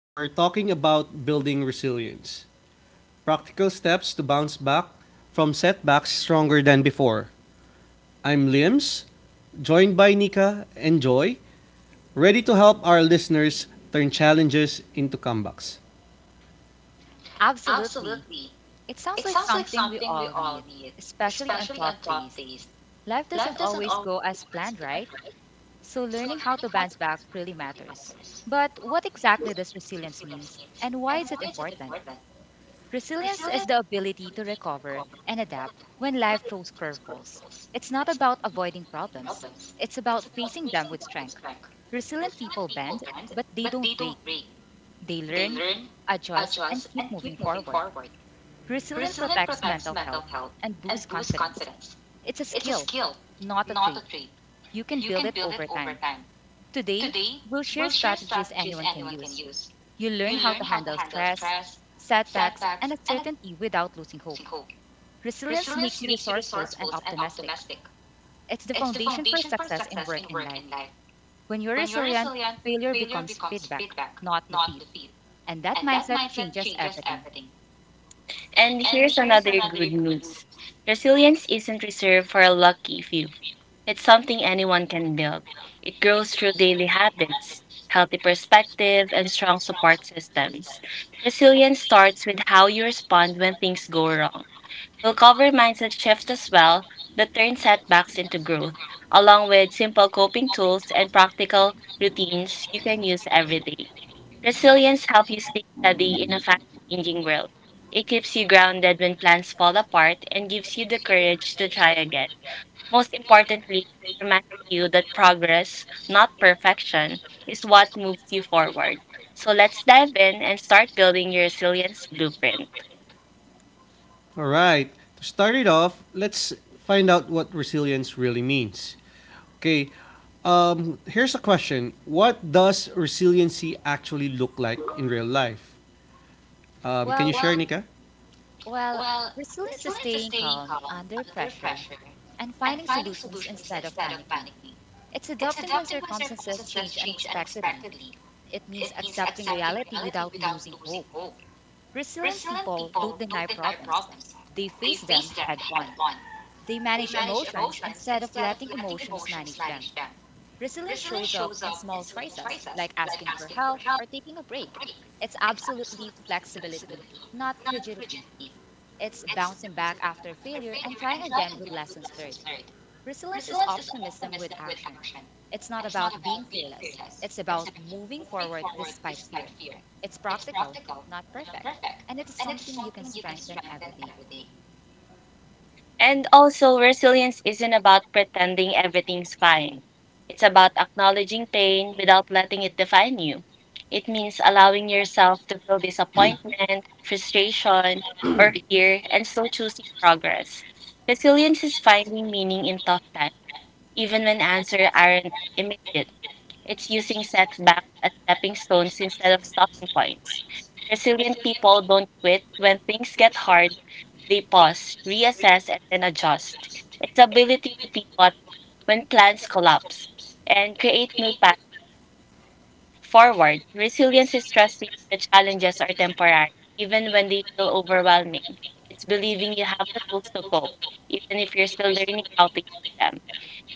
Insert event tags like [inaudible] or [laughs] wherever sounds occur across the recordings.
We're talking about building resilience, practical steps to bounce back from setbacks stronger than before. I'm Liams, joined by Nika and Joy, ready to help our listeners turn challenges into comebacks. Absolutely. It sounds like something we all need, especially on tough days. Life doesn't always go as planned, right? So learning how to bounce back really matters. But what exactly does resilience means and why is it important? Resilience is the ability to recover and adapt when life throws curveballs. It's not about avoiding problems. It's about facing them with strength. Resilient people bend, but they don't break. They learn, adjust, and keep moving forward. Resilience protects mental health and boosts confidence. It's a skill, not a trait. You can build it over time. Today, we'll share strategies anyone can use. You'll learn how to handle stress, setbacks, and uncertainty without losing hope. Resilience makes you resourceful and optimistic. It's the foundation for success in work and life. When you're resilient, failure becomes feedback, not defeat. And that mindset changes everything. And here's another good news, resilience isn't reserved for a lucky few. It's something anyone can build. It grows through daily habits, healthy perspective, and strong support systems. Resilience starts with how you respond when things go wrong. We'll cover mindset shifts as well that turn setbacks into growth, along with simple coping tools and practical routines you can use every day. Resilience helps you stay steady in a fast changing world. It keeps you grounded when plans fall apart and gives you the courage to try again. Most importantly, it reminds you that progress, not perfection, is what moves you forward. So let's dive in and start building your resilience blueprint. All right, to start it off, let's find out what resilience really means. Okay, here's a question. What does resiliency actually look like in real life? Can you Well, share, Nika? Well, resilience is staying calm under pressure and finding solutions instead of panicking. It's adapting when circumstances change unexpectedly. It means accepting reality without losing hope. Resilient people don't deny problems, they face them head on. They manage emotions instead of letting emotions manage them. Resilience shows up in small choices like asking for help or taking a break. It's absolutely flexibility, not rigidity. It's bouncing back after failure and trying again with lessons learned. Resilience is optimism with action. It's not about being fearless, it's about moving forward despite fear. It's practical, not perfect, and it is something you can strengthen every day. And also, resilience isn't about pretending everything's fine. It's about acknowledging pain without letting it define you. It means allowing yourself to feel disappointment, frustration, or fear, and still choosing progress. Resilience is finding meaning in tough times, even when answers aren't immediate. It's using setback as stepping stones instead of stopping points. Resilient people don't quit when things get hard. They pause, reassess, and then adjust. It's ability to pivot when plans collapse and create new paths forward. Resilience is trusting the challenges are temporary, even when they feel overwhelming. It's believing you have the tools to cope, even if you're still learning how to use them.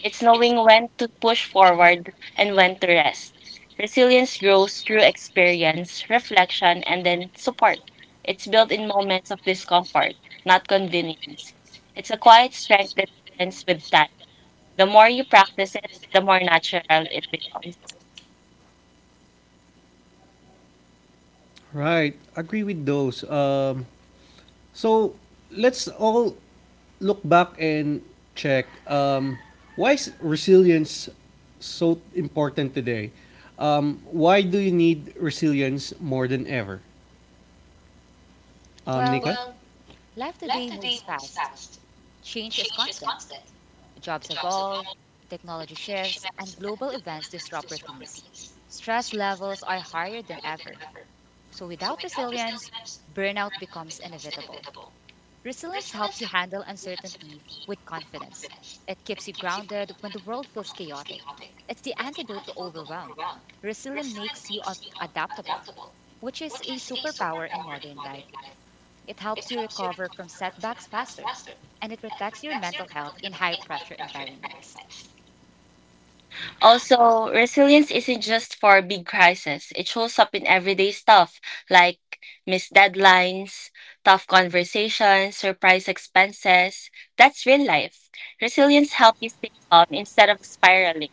It's knowing when to push forward and when to rest. Resilience grows through experience, reflection, and then support. It's built in moments of discomfort, not convenience. It's a quiet strength that depends with time. The more you practice it, the more natural it becomes. Right. Agree with those. So let's all look back and check. Why is resilience so important today? Why do you need resilience more than ever? Well, Nika? life today moves fast. Change is constant. Jobs evolve, technology shifts, and global events disrupt routines. Stress levels are higher than ever. So, without resilience, burnout becomes inevitable. Resilience helps you handle uncertainty with confidence. It keeps you grounded when the world feels chaotic. It's the antidote to overwhelm. Resilience makes you adaptable, which is a superpower in modern life. It helps you recover from setbacks faster, and it protects your mental health in high pressure environments. Also, resilience isn't just for big crises. It shows up in everyday stuff like missed deadlines, tough conversations, surprise expenses. That's real life. Resilience helps you stay calm instead of spiraling.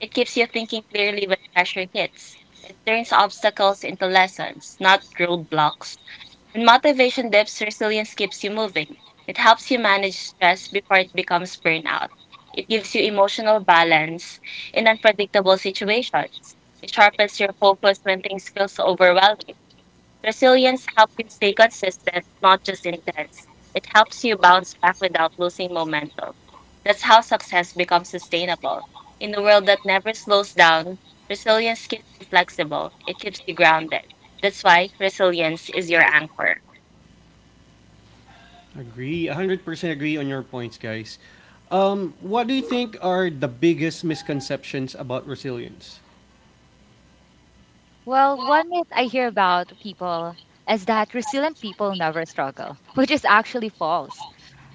It keeps you thinking clearly when pressure hits. It turns obstacles into lessons, not roadblocks. When motivation dips, resilience keeps you moving. It helps you manage stress before it becomes burnout. It gives you emotional balance in unpredictable situations. It sharpens your focus when things feel so overwhelming. Resilience helps you stay consistent, not just intense. It helps you bounce back without losing momentum. That's how success becomes sustainable. In a world that never slows down, resilience keeps you flexible, it keeps you grounded. That's why resilience is your anchor. Agree. 100% agree on your points, guys. What do you think are the biggest misconceptions about resilience? Well, one myth I hear about people is that resilient people never struggle, [laughs] which is actually false.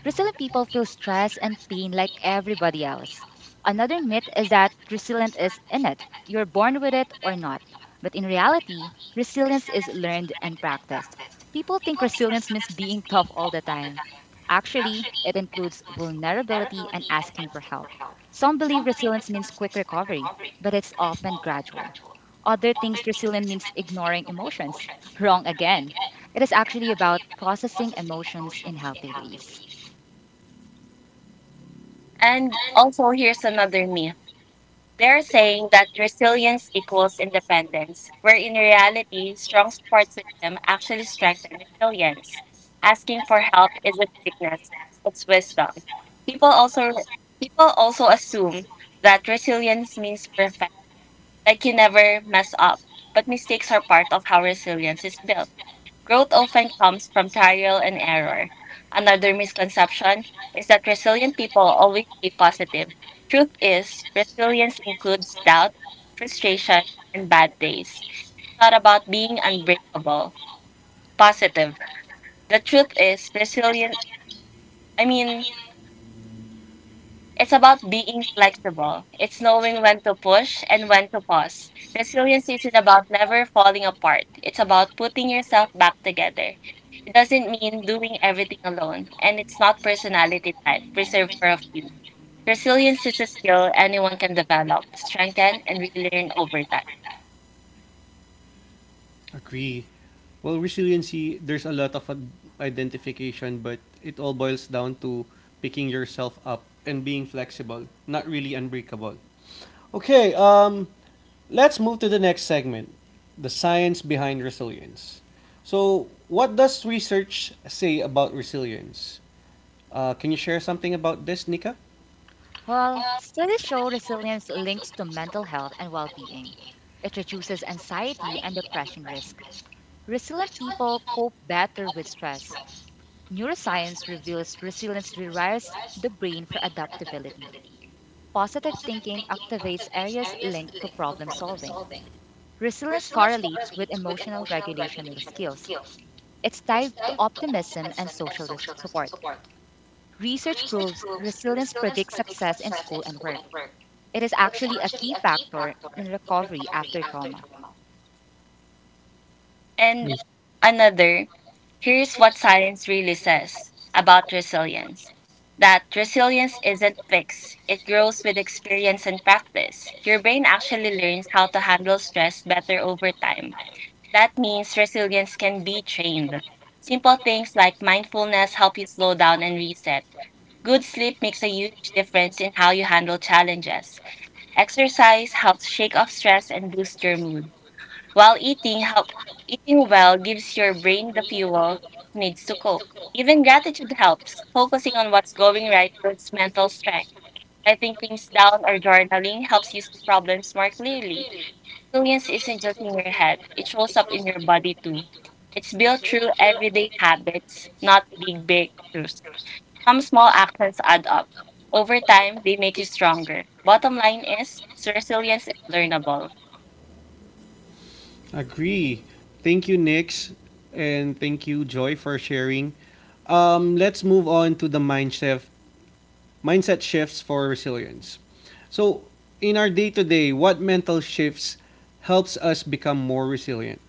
Resilient people feel stress and pain like everybody else. Another myth is that resilience is innate. You're born with it or not. But in reality, resilience is learned and practiced. People think resilience means being tough all the time. Actually, it includes vulnerability and asking for help. Some believe resilience means quick recovery, but it's often gradual. Other think resilience means ignoring emotions. [laughs] Wrong again. It is actually about processing emotions in healthy ways. And also, here's another myth. They're saying that resilience equals independence, where in reality, strong support system actually strengthen resilience. Asking for help isn't weakness, it's wisdom. People also people also assume that resilience means perfect, like you never mess up. But mistakes are part of how resilience is built. Growth often comes from trial and error. Another misconception is that resilient people always stay positive. Truth is, resilience includes doubt, frustration, and bad days. It's not about being unbreakable, positive. The truth is, I mean, it's about being flexible. It's knowing when to push and when to pause. Resilience isn't about never falling apart. It's about putting yourself back together. It doesn't mean doing everything alone, and it's not personality type reserved for a few. Resilience is a skill anyone can develop, strengthen, and relearn over time. Agree. Well, resiliency, there's a lot of identification, but it all boils down to picking yourself up and being flexible, not really unbreakable. Okay, let's move to the next segment, the science behind resilience. So, what does research say about resilience? Can you share something about this, Nika? Well, studies show resilience links to mental health and well being. It reduces anxiety and depression risk. Resilient people cope better with stress. Neuroscience reveals resilience rewires the brain for adaptability. Positive thinking activates areas linked to problem solving. Resilience correlates with emotional regulation and skills. It's tied to optimism and support. Research proves resilience predicts success in school and work. It is actually a key factor in recovery after trauma. And Yes. another, here's what science really says about resilience, that resilience isn't fixed, it grows with experience and practice. Your brain actually learns how to handle stress better over time. That means resilience can be trained. Simple things like mindfulness help you slow down and reset. Good sleep makes a huge difference in how you handle challenges. Exercise helps shake off stress and boost your mood. While eating well gives your brain the fuel it needs to cope. Even gratitude helps. Focusing on what's going right builds mental strength. Writing things down or journaling helps you see problems more clearly. Resilience isn't just in your head, it shows up in your body too. It's built through everyday habits, not big breakthroughs. Some small actions add up. Over time, they make you stronger. Bottom line is, resilience is learnable. Agree. Thank you, Nix, and thank you, Joy, for sharing. Let's move on to the mindset. Mindset shifts for resilience. So, in our day to day, what mental shifts helps us become more resilient?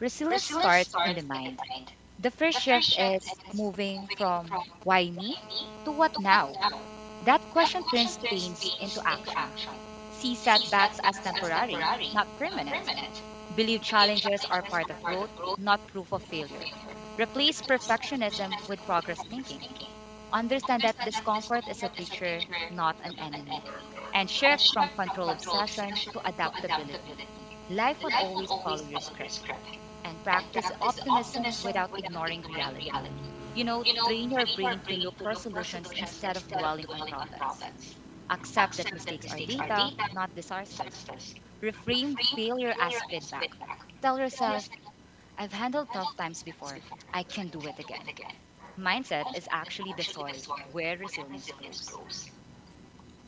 Resilience starts in the mind. The first shift is moving from why me to what now. That question turns pains into action. See setbacks as temporary, not permanent. Believe challenges are part of growth, not proof of failure. Replace perfectionism with progress thinking. Understand that discomfort is a teacher, not an enemy. And shift from control obsession to adaptability. Life won't always follow your script. And practice optimism without ignoring reality. You know, train your brain to look for solutions instead of dwelling on problems. Accept that mistakes are data, not disasters. Reframe failure as feedback. Tell yourself, I've handled tough times before. I can do it again. Mindset is actually the soil where resilience grows.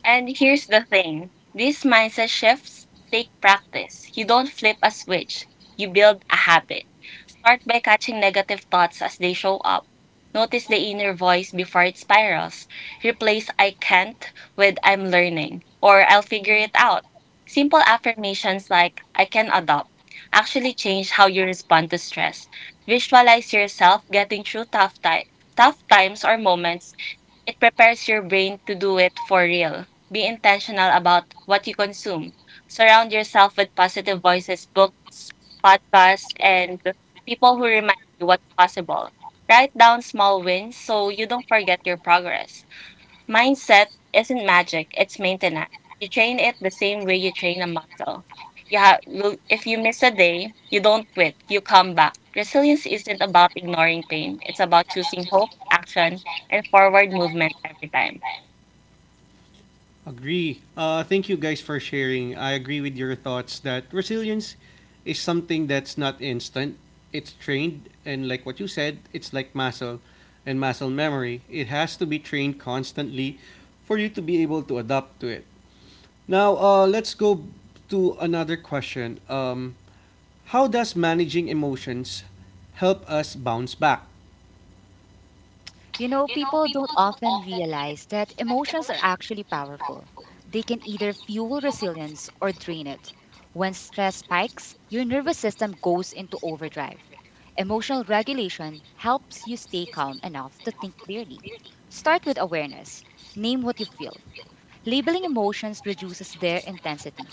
And here's the thing, these mindset shifts take practice. You don't flip a switch, you build a habit. Start by catching negative thoughts as they show up. Notice the inner voice before it spirals. Replace "I can't" with "I'm learning" or "I'll figure it out." Simple affirmations like "I can adopt" actually change how you respond to stress. Visualize yourself getting through tough, tough times or moments, it prepares your brain to do it for real. Be intentional about what you consume. Surround yourself with positive voices, books, podcasts, and people who remind you what's possible. Write down small wins so you don't forget your progress. Mindset isn't magic, it's maintenance. You train it the same way you train a muscle. You have, if you miss a day, you don't quit, you come back. Resilience isn't about ignoring pain, it's about choosing hope, action, and forward movement every time. Agree. Thank you guys for sharing. I agree with your thoughts that resilience is something that's not instant. It's trained, and like what you said, it's like muscle and muscle memory. It has to be trained constantly for you to be able to adapt to it. Now, let's go to another question. How does managing emotions help us bounce back? You know, people don't often realize that emotions are actually powerful. They can either fuel resilience or drain it. When stress spikes, your nervous system goes into overdrive. Emotional regulation helps you stay calm enough to think clearly. Start with awareness. Name what you feel. Labeling emotions reduces their intensity.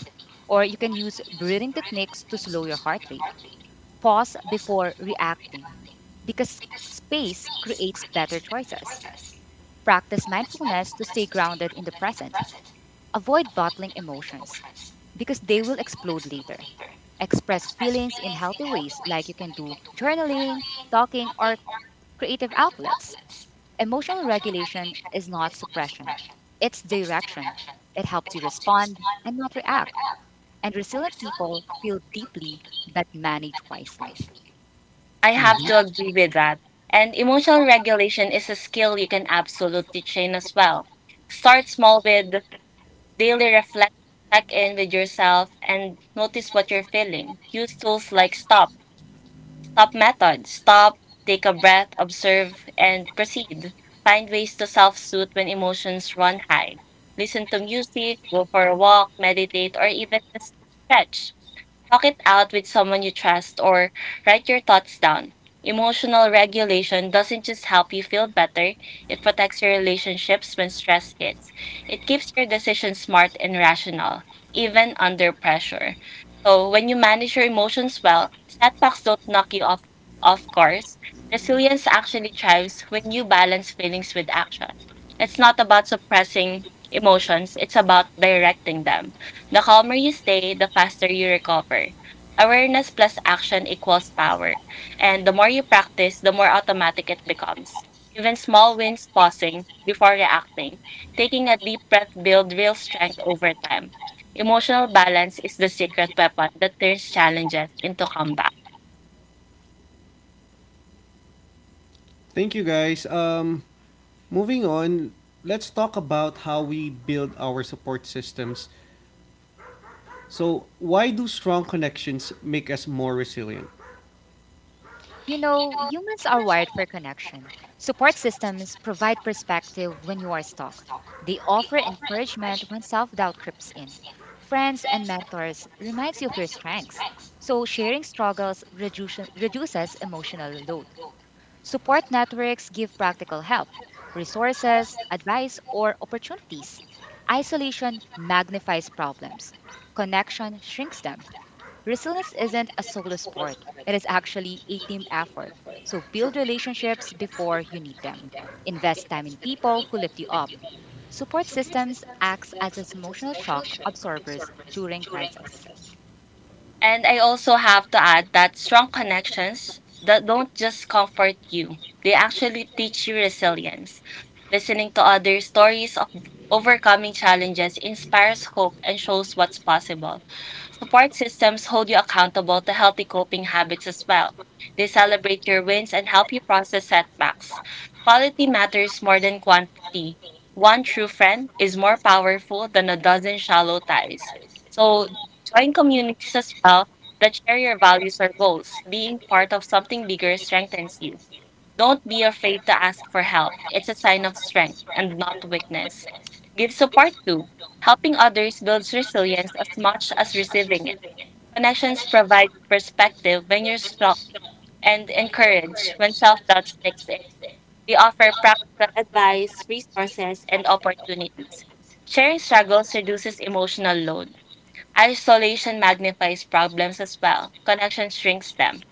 Or you can use breathing techniques to slow your heart rate. Pause before reacting because space creates better choices. Practice mindfulness to stay grounded in the present. Avoid bottling emotions because they will explode later. Express feelings in healthy ways, like you can do journaling, talking, or creative outlets. Emotional regulation is not suppression, it's direction. It helps you respond and not react. And resilient people feel deeply but manage wisely. I Mhm. have to agree with that. And emotional regulation is a skill you can absolutely train as well. Start small with daily reflect. Check in with yourself, and notice what you're feeling. Use tools like Stop method. Stop, take a breath, observe, and proceed. Find ways to self soothe when emotions run high. Listen to music, go for a walk, meditate, or even just stretch. Talk it out with someone you trust or write your thoughts down. Emotional regulation doesn't just help you feel better, it protects your relationships when stress hits. It keeps your decisions smart and rational, even under pressure. So, when you manage your emotions well, setbacks don't knock you off course. Resilience actually thrives when you balance feelings with action. It's not about suppressing emotions, it's about directing them. The calmer you stay, the faster you recover. Awareness plus action equals power. And the more you practice, the more automatic it becomes. Even small wins, pausing before reacting, taking a deep breath, build real strength over time. Emotional balance is the secret weapon that turns challenges into combat. Thank you guys. Moving on, let's talk about how we build our support systems. So, why do strong connections make us more resilient? You know, humans are wired for connection. Support systems provide perspective when you are stuck. They offer encouragement when self-doubt creeps in. Friends and mentors reminds you of your strengths. So reduces emotional load. Support networks give practical help, resources, advice, or opportunities. Isolation magnifies problems. Connection shrinks them. Resilience isn't a solo sport, it is actually a team effort. So build relationships before you need them. Invest time in people who lift you up. Support systems acts as emotional shock absorbers during crisis. And I also have to add that strong connections that don't just comfort you, they actually teach you resilience. Listening to other stories of overcoming challenges inspires hope and shows what's possible. Support systems hold you accountable to healthy coping habits as well. They celebrate your wins and help you process setbacks. Quality matters more than quantity. One true friend is more powerful than a dozen shallow ties. So join communities as well that share your values or goals. Being part of something bigger strengthens you. Don't be afraid to ask for help. It's a sign of strength and not weakness. Give support too. Helping others builds resilience as much as receiving it. Connections provide perspective when you're stuck and encourage when self doubt takes it. We offer practical advice, resources, and opportunities. Sharing struggles reduces emotional load. Isolation magnifies problems as well. Connection shrinks them.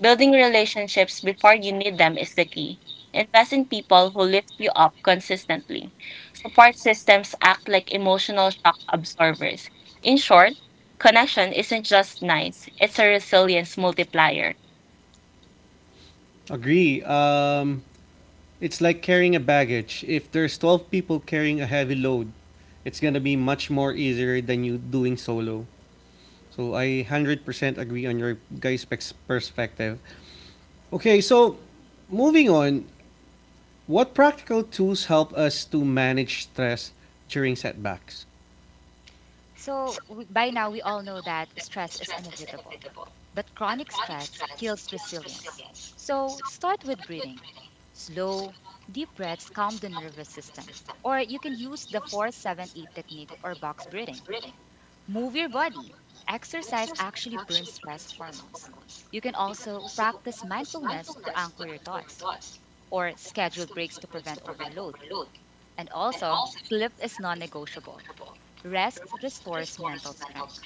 Building relationships before you need them is the key. Invest in people who lift you up consistently. Support systems act like emotional shock absorbers. In short, connection isn't just nice, it's a resilience multiplier. Agree. It's like carrying a baggage. If there's 12 people carrying a heavy load, it's gonna be much more easier than you doing solo. So I 100% agree on your guys' perspective. Okay, so moving on, what practical tools help us to manage stress during setbacks? So by now we all know that stress is inevitable, but chronic stress kills resilience. So start with breathing. Slow, deep breaths calm the nervous system. Or you can use the 4-7-8 technique or box breathing. Move your body. Exercise actually burns stress hormones. You can also practice mindfulness to anchor your thoughts or schedule breaks to prevent overload. And also, sleep is non negotiable. Rest restores mental strength.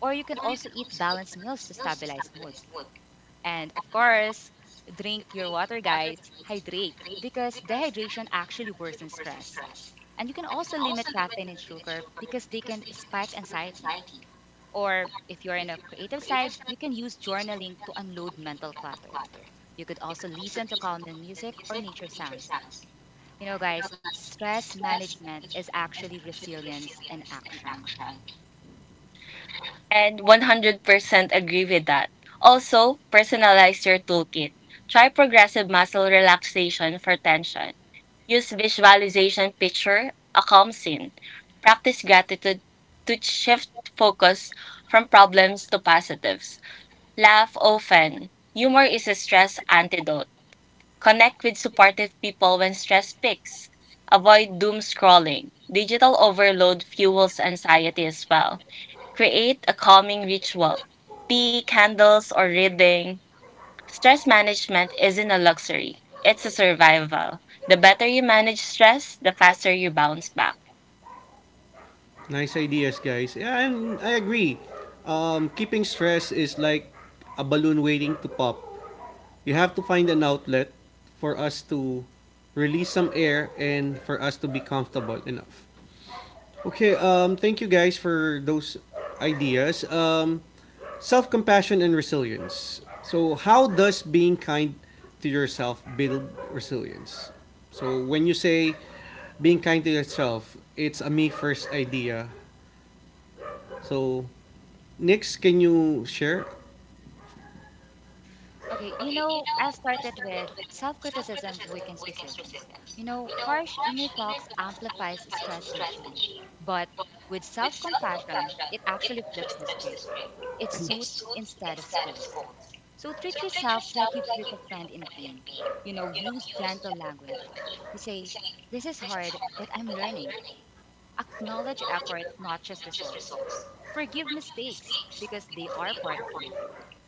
Or you can also eat balanced meals to stabilize mood. And of course, drink your water, guys. Hydrate because dehydration actually worsens stress. And you can also limit caffeine and sugar because they can spike anxiety. Or if you're in a creative side, you can use journaling to unload mental clutter. You could also listen to calming music or nature sounds. You know, guys, stress management is actually resilience in action. And 100% agree with that. Also, personalize your toolkit. Try progressive muscle relaxation for tension. Use visualization, picture a calm scene. Practice gratitude to shift focus from problems to positives. Laugh often. Humor is a stress antidote. Connect with supportive people when stress peaks. Avoid doom scrolling. Digital overload fuels anxiety as well. Create a calming ritual. Tea, candles, or reading. Stress management isn't a luxury, it's a survival. The better you manage stress, the faster you bounce back. Nice ideas, guys. Yeah, and I agree. Keeping stress is like a balloon waiting to pop. You have to find an outlet for us to release some air and for us to be comfortable enough. Okay, thank you guys for those ideas. Self compassion and resilience. So, how does being kind to yourself build resilience? So, when you say being kind to yourself, it's a me first idea. So, Nix, can you share. Okay, you know, I started with self criticism weakens resilience. You know, harsh inner talks amplifies stress and shame. But with self compassion, it actually flips the script. It soothes instead of scolds. So treat yourself like you treat a friend in pain. You know, use gentle language. You say, this is hard, but I'm learning. Acknowledge effort, not just results. Forgive mistakes because they are part of growth.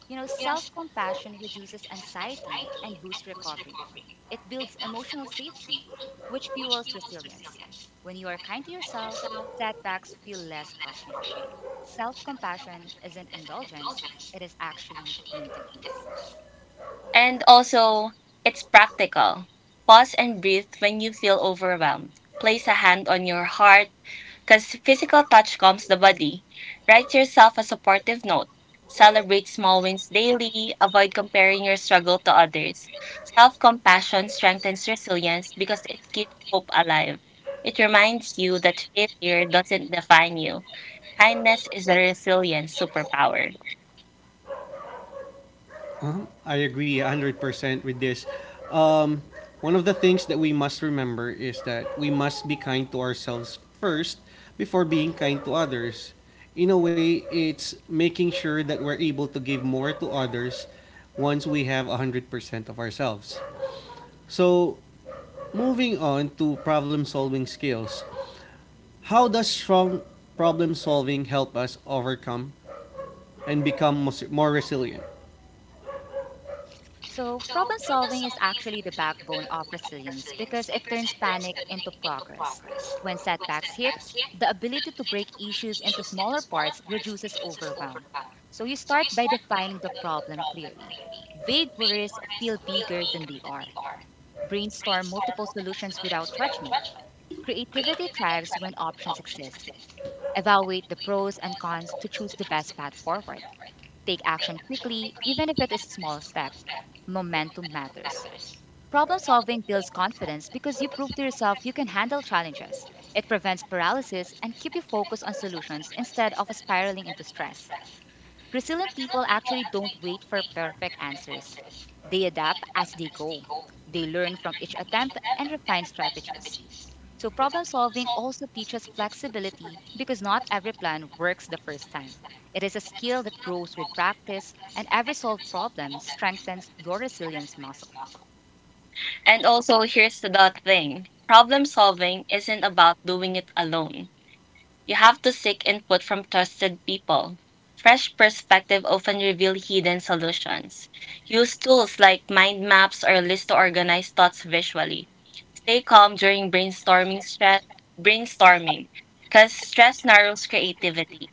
You know, self compassion reduces anxiety and boosts recovery. It builds emotional safety, which fuels resilience. When you are kind to yourself, setbacks feel less crushing. Self compassion isn't indulgence, it is actually maintenance. And also, it's practical. Pause and breathe when you feel overwhelmed. Place a hand on your heart, because physical touch calms the body. Write yourself a supportive note. Celebrate small wins daily. Avoid comparing your struggle to others. Self compassion strengthens resilience because it keeps hope alive. It reminds you that failure doesn't define you. Kindness is a resilient superpower. Uh-huh. I agree 100% with this. Um, one of the things that we must remember is that we must be kind to ourselves first before being kind to others. In a way, it's making sure that we're able to give more to others once we have 100% of ourselves. So, moving on to problem solving skills. How does strong problem solving help us overcome and become more resilient? So, problem solving is actually the backbone of resilience because it turns panic into progress. When setbacks hit, the ability to break issues into smaller parts reduces overwhelm. So, you start by defining the problem clearly. Vague worries feel bigger than they are. Brainstorm multiple solutions without judgment. Creativity thrives when options exist. Evaluate the pros and cons to choose the best path forward. Take action quickly, even if it is a small step. Momentum matters. Problem solving builds confidence because you prove to yourself you can handle challenges. It prevents paralysis and keep you focused on solutions instead of spiraling into stress. Resilient people actually don't wait for perfect answers. They adapt as they go. They learn from each attempt and refine strategies. So problem solving also teaches flexibility because not every plan works the first time. It is a skill that grows with practice and every solved problem strengthens your resilience muscle. And also, here's the thing, problem solving isn't about doing it alone. You have to seek input from trusted people. Fresh perspective often reveal hidden solutions. Use tools like mind maps or lists to organize thoughts visually. Stay calm during brainstorming, because stress narrows creativity.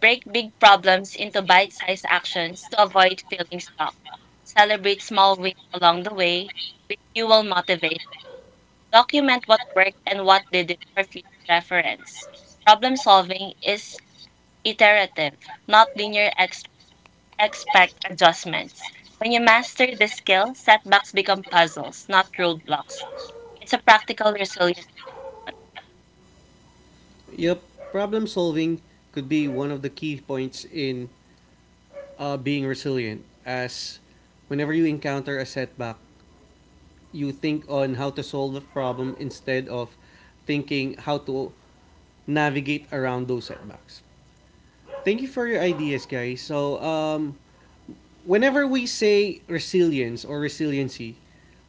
Break big problems into bite-sized actions to avoid feeling stuck. Celebrate small wins along the way. You will motivate. Document what worked and what didn't for future reference. Problem solving is iterative, not linear. Expect adjustments. When you master this skill, setbacks become puzzles, not roadblocks. It's a practical resilience. Yep, problem solving could be one of the key points in being resilient, as whenever you encounter a setback, you think on how to solve the problem instead of thinking how to navigate around those setbacks. Thank you for your ideas, guys. So, whenever we say resilience or resiliency,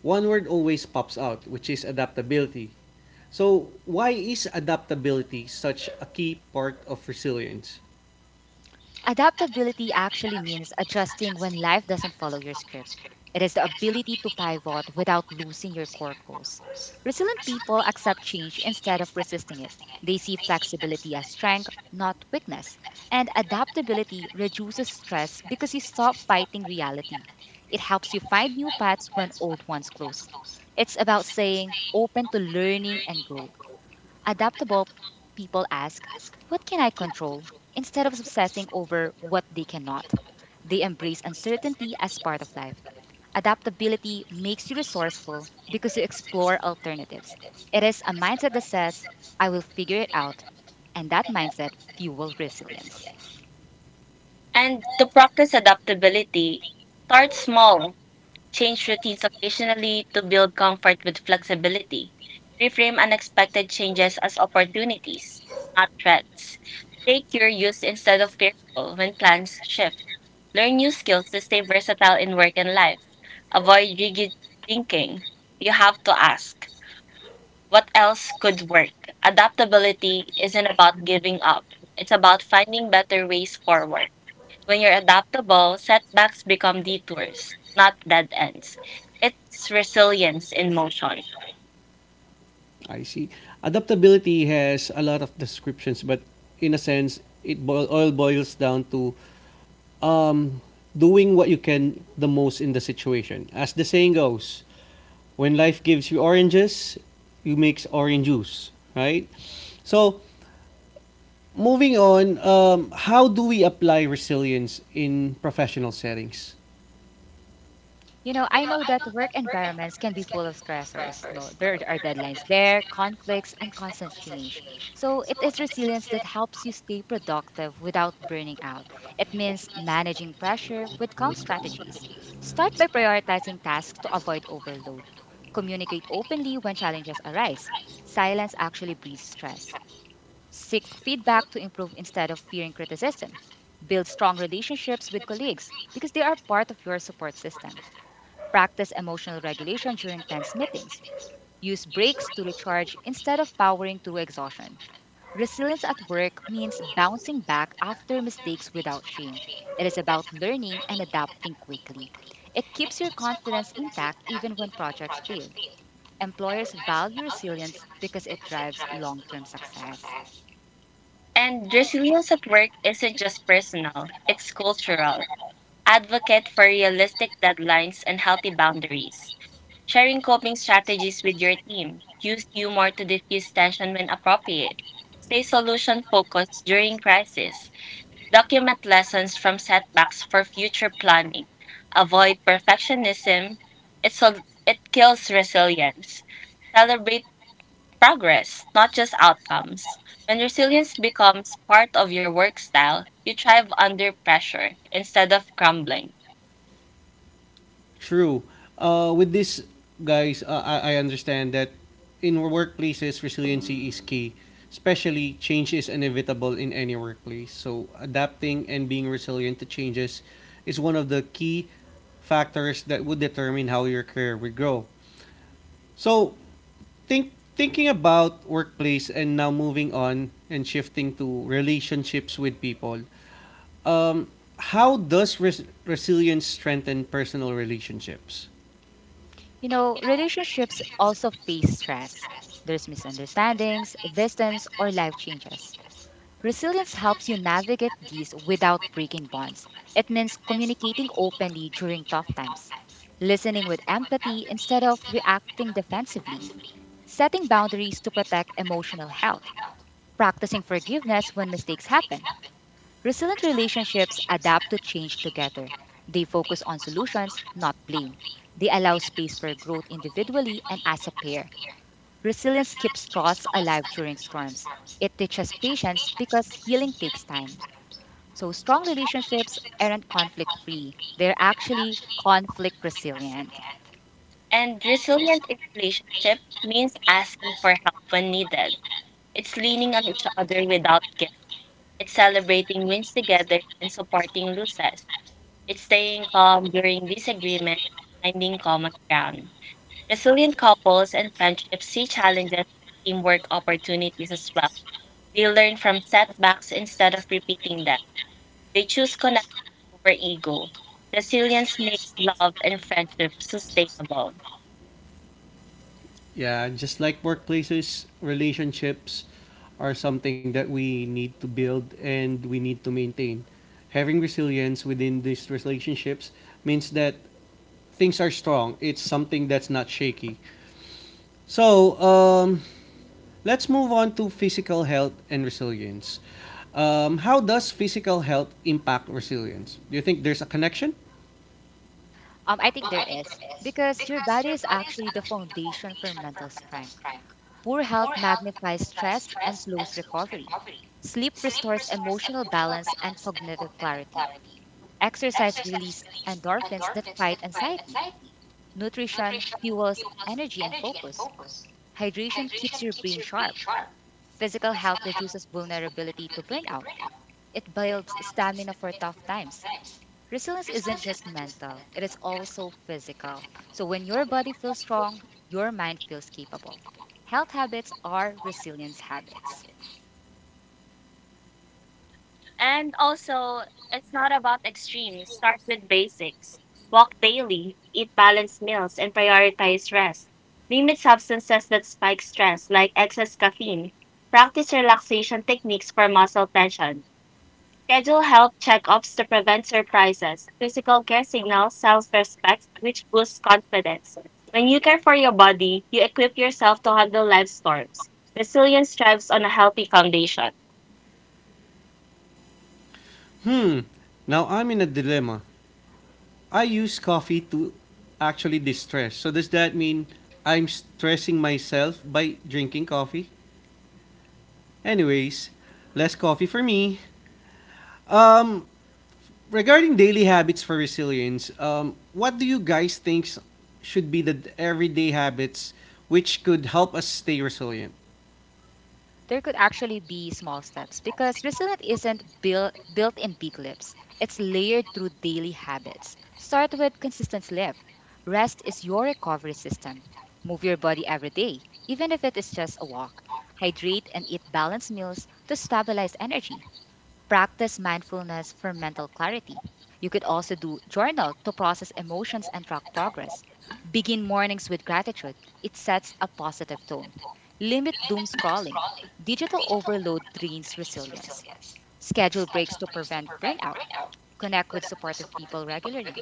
one word always pops out, which is adaptability. So, why is adaptability such a key part of resilience? Adaptability actually means adjusting when life doesn't follow your script. It is the ability to pivot without losing your core goals. Resilient people accept change instead of resisting it. They see flexibility as strength, not weakness. And adaptability reduces stress because you stop fighting reality. It helps you find new paths when old ones close. It's about saying open to learning and growth. Adaptable people ask, what can I control, instead of obsessing over what they cannot. They embrace uncertainty as part of life. Adaptability makes you resourceful because you explore alternatives. It is a mindset that says, I will figure it out, and that mindset fuels resilience. And to practice adaptability, start small. Change routines occasionally to build comfort with flexibility. Reframe unexpected changes as opportunities, not threats. Stay curious instead of fearful when plans shift. Learn new skills to stay versatile in work and life. Avoid rigid thinking. You have to ask, what else could work? Adaptability isn't about giving up, it's about finding better ways forward. When you're adaptable, setbacks become detours, not dead ends. It's resilience in motion. I see. Adaptability has a lot of descriptions, but in a sense, it all boils down to um, doing what you can the most in the situation. As the saying goes, when life gives you oranges, you make orange juice, right? So, moving on, how do we apply resilience in professional settings? You know, I know that work environments can be full of stressors. No, there are deadlines there, conflicts, and constant change. So it is resilience that helps you stay productive without burning out. It means managing pressure with calm strategies. Start by prioritizing tasks to avoid overload. Communicate openly when challenges arise. Silence actually breeds stress. Seek feedback to improve instead of fearing criticism. Build strong relationships with colleagues because they are part of your support system. Practice emotional regulation during tense meetings. Use breaks to recharge instead of powering through exhaustion. Resilience at work means bouncing back after mistakes without shame. It is about learning and adapting quickly. It keeps your confidence intact even when projects fail. Employers value resilience because it drives long term success. And resilience at work isn't just personal, it's cultural. Advocate for realistic deadlines and healthy boundaries. Sharing coping strategies with your team. Use humor to diffuse tension when appropriate. Stay solution focused during crisis. Document lessons from setbacks for future planning. Avoid perfectionism. It kills resilience. Celebrate progress, not just outcomes. When resilience becomes part of your work style, you thrive under pressure instead of crumbling. True. With this, guys, uh, I understand that in workplaces, resiliency is key. Especially, change is inevitable in any workplace. So, adapting and being resilient to changes is one of the key factors that would determine how your career will grow. So, thinking about workplace and now moving on and shifting to relationships with people. Um, how does resilience strengthen personal relationships? You know, relationships also face stress. There's misunderstandings, distance, or life changes. Resilience helps you navigate these without breaking bonds. It means communicating openly during tough times, listening with empathy instead of reacting defensively, setting boundaries to protect emotional health, practicing forgiveness when mistakes happen. Resilient relationships adapt to change together. They focus on solutions, not blame. They allow space for growth individually and as a pair. Resilience keeps trust alive during storms. It teaches patience because healing takes time. So, strong relationships aren't conflict free, they're actually conflict resilient. And resilient in relationship means asking for help when needed. It's leaning on each other without guilt. It's celebrating wins together and supporting losses. It's staying calm during disagreement, finding common ground. Resilient couples and friendships see challenges as teamwork opportunities as well. They learn from setbacks instead of repeating them. They choose connection over ego. Resilience makes love and friendship sustainable. Yeah, just like workplaces, relationships are something that we need to build and we need to maintain. Having resilience within these relationships means that things are strong. It's something that's not shaky. So, let's move on to physical health and resilience. How does physical health impact resilience? Do you think there's a connection? I think there is, because your body is actually the foundation for mental strength. Poor health magnifies stress and slows recovery. Sleep restores emotional balance and cognitive clarity. Exercise releases endorphins that fight anxiety. Nutrition fuels energy and focus. Hydration keeps your brain sharp. Physical health reduces vulnerability to burnout. It builds stamina for tough times. Resilience isn't just mental, it is also physical. So when your body feels strong, your mind feels capable. Health habits are resilience habits. And also, it's not about extremes. Start with basics. Walk daily, eat balanced meals, and prioritize rest. Limit substances that spike stress, like excess caffeine. Practice relaxation techniques for muscle tension. Schedule health checkups to prevent surprises. Physical care signals self respect, which boosts confidence. When you care for your body, you equip yourself to handle life's storms. Resilience thrives on a healthy foundation. Hmm. Now I'm in a dilemma. I use coffee to actually distress. So does that mean I'm stressing myself by drinking coffee? Anyways, less coffee for me. Um, regarding daily habits for resilience, what do you guys think should be the everyday habits which could help us stay resilient? There could actually be small steps because resilience isn't built in big leaps. It's layered through daily habits. Start with consistent sleep. Rest is your recovery system. Move your body every day, even if it is just a walk. Hydrate and eat balanced meals to stabilize energy. Practice mindfulness for mental clarity. You could also do journal to process emotions and track progress. Begin mornings with gratitude. It sets a positive tone. Limit doom scrolling. Digital overload drains resilience. Schedule breaks to prevent burnout. Connect with supportive people regularly.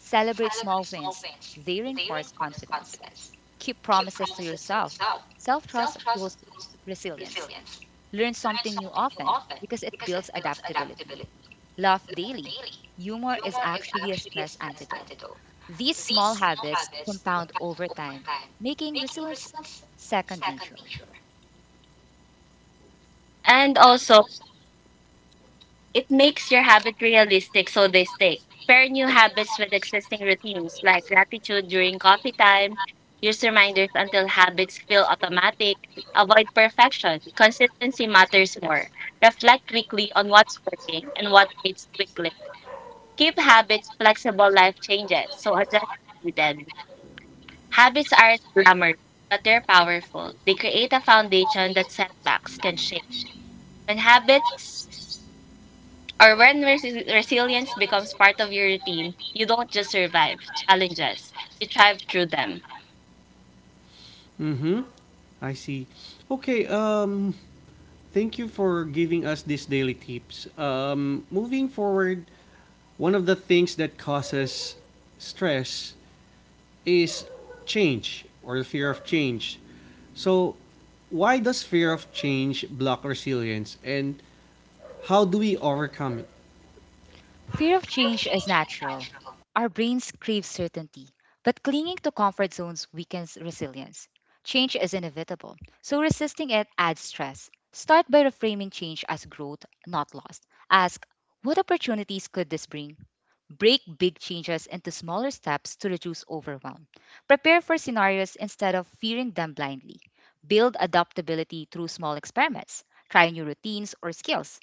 Celebrate small wins. They reinforce confidence. Keep promises to yourself. Self trust fuels resilience. Learn something new often because it builds adaptability. Laugh daily. Humor is actually a stress antidote. These small habits compound over time, making resilience second nature. And also, it makes your habit realistic so they stick. Pair new habits with existing routines like gratitude during coffee time, use reminders until habits feel automatic, avoid perfection. Consistency matters more. Reflect weekly on what's working and what needs weekly. Keep habits flexible, life changes, so adjust as needed. Habits aren't glamorous, but they're powerful. They create a foundation that setbacks can shake. When habits or when resilience becomes part of your routine, you don't just survive challenges, you thrive through them. Mm-hmm. I see. Okay. Thank you for giving us these daily tips. Moving forward, one of the things that causes stress is change or the fear of change. So, why does fear of change block resilience and how do we overcome it? Fear of change is natural. Our brains crave certainty, but clinging to comfort zones weakens resilience. Change is inevitable, so resisting it adds stress. Start by reframing change as growth, not loss. Ask, what opportunities could this bring? Break big changes into smaller steps to reduce overwhelm. Prepare for scenarios instead of fearing them blindly. Build adaptability through small experiments. Try new routines or skills.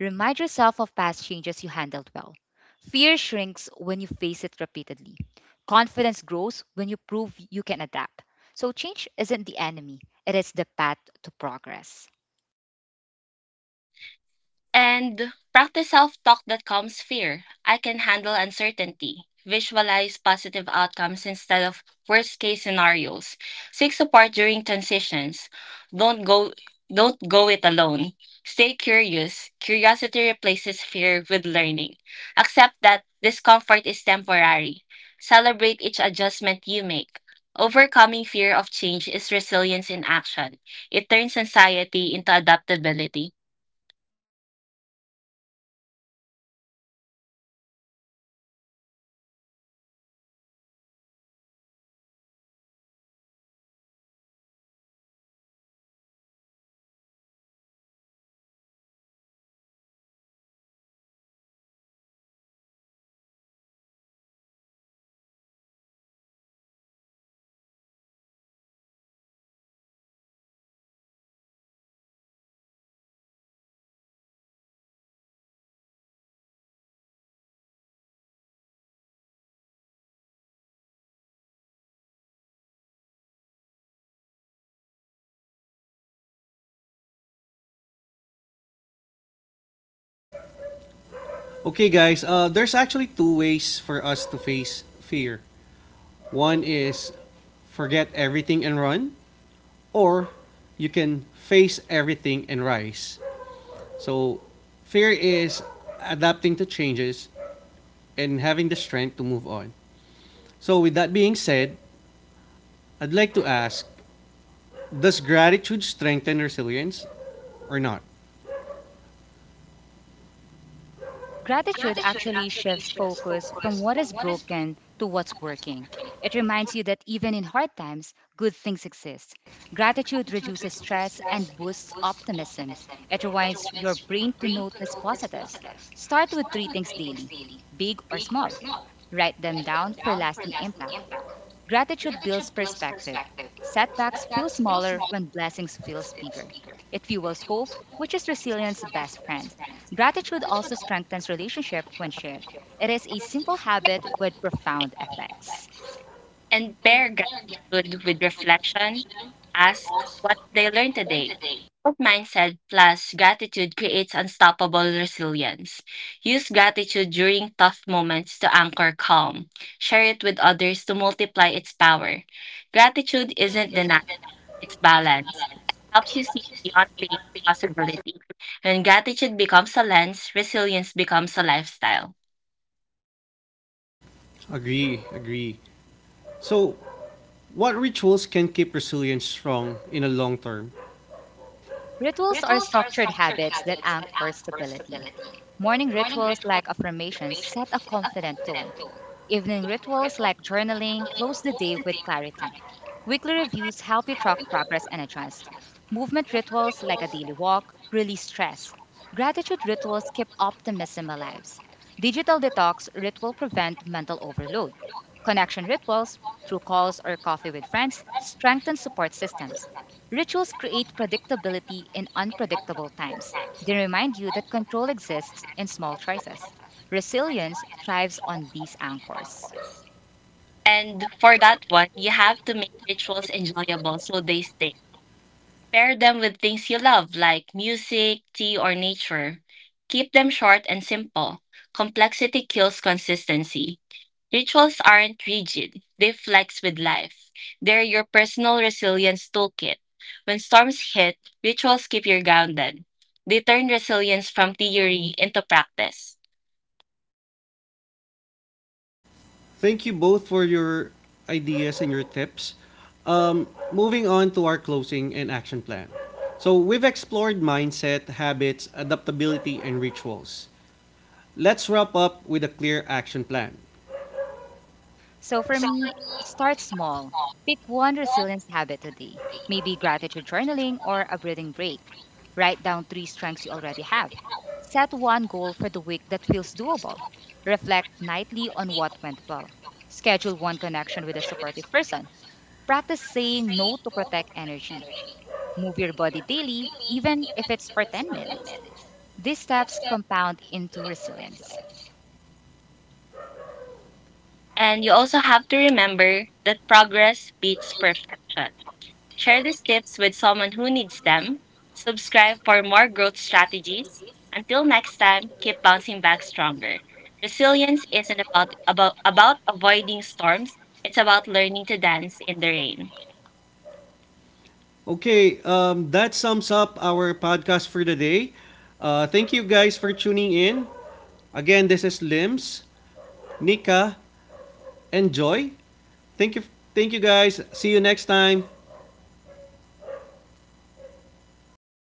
Remind yourself of past changes you handled well. Fear shrinks when you face it repeatedly. Confidence grows when you prove you can adapt. So, change isn't the enemy, it is the path to progress. And practice self talk that calms fear. I can handle uncertainty. Visualize positive outcomes instead of worst case scenarios. Seek support during transitions. Don't go don't go it alone. Stay curious. Curiosity replaces fear with learning. Accept that discomfort is temporary. Celebrate each adjustment you make. Overcoming fear of change is resilience in action. It turns anxiety into adaptability. Okay, guys, there's actually two ways for us to face fear. One is forget everything and run, or you can face everything and rise. So, fear is adapting to changes and having the strength to move on. So, with that being said, I'd like to ask, does gratitude strengthen resilience or not? Gratitude actually shifts focus from what is broken to what's working. It reminds you that even in hard times, good things exist. Gratitude reduces stress and boosts optimism. It reminds your brain to notice positives. Start with three things daily, big or small. Write them down for lasting impact. Gratitude builds perspective. Setbacks feel smaller when blessings feel bigger. It fuels hope, which is resilience's best friend. Gratitude also strengthens relationship when shared. It is a simple habit with profound effects. And pair gratitude with reflection. Ask, what did I learn today? Growth mindset plus gratitude creates unstoppable resilience. Use gratitude during tough moments to anchor calm. Share it with others to multiply its power. Gratitude isn't denial, it's balance. It helps you see beyond pain and possibility. When gratitude becomes a lens, resilience becomes a lifestyle. Agree, agree. So, what rituals can keep resilience strong in a long term? Rituals are structured habits that anchor stability. Morning rituals like affirmations set a confident tone. Evening rituals like journaling close the day with clarity. Weekly reviews help you track progress and adjust. Movement rituals like a daily walk release stress. Gratitude rituals keep optimism alive. Digital detox ritual prevent mental overload. Connection rituals through calls or coffee with friends strengthen support systems. Rituals create predictability in unpredictable times. They remind you that control exists in small choices. Resilience thrives on these anchors. And for that one, you have to make rituals enjoyable so they stay. Pair them with things you love, like music, tea, or nature. Keep them short and simple. Complexity kills consistency. Rituals aren't rigid, they flex with life. They're your personal resilience toolkit. When storms hit, rituals keep you grounded. They turn resilience from theory into practice. Thank you both for your ideas and your tips. Um, moving on to our closing and action plan. So, we've explored mindset, habits, adaptability, and rituals. Let's wrap up with a clear action plan. So for me, start small. Pick one resilience habit today, maybe gratitude journaling or a breathing break. Write down three strengths you already have. Set one goal for the week that feels doable. Reflect nightly on what went well. Schedule one connection with a supportive person. Practice saying no to protect energy. Move your body daily, even if it's for 10 minutes. These steps compound into resilience. And you also have to remember that progress beats perfection. Share these tips with someone who needs them. Subscribe for more growth strategies. Until next time, keep bouncing back stronger. Resilience isn't about avoiding storms, it's about learning to dance in the rain. Okay, that sums up our podcast for the day. Thank you guys for tuning in. Again, this is Limbs. Nika, and Joy. Thank you, thank you guys. See you next time.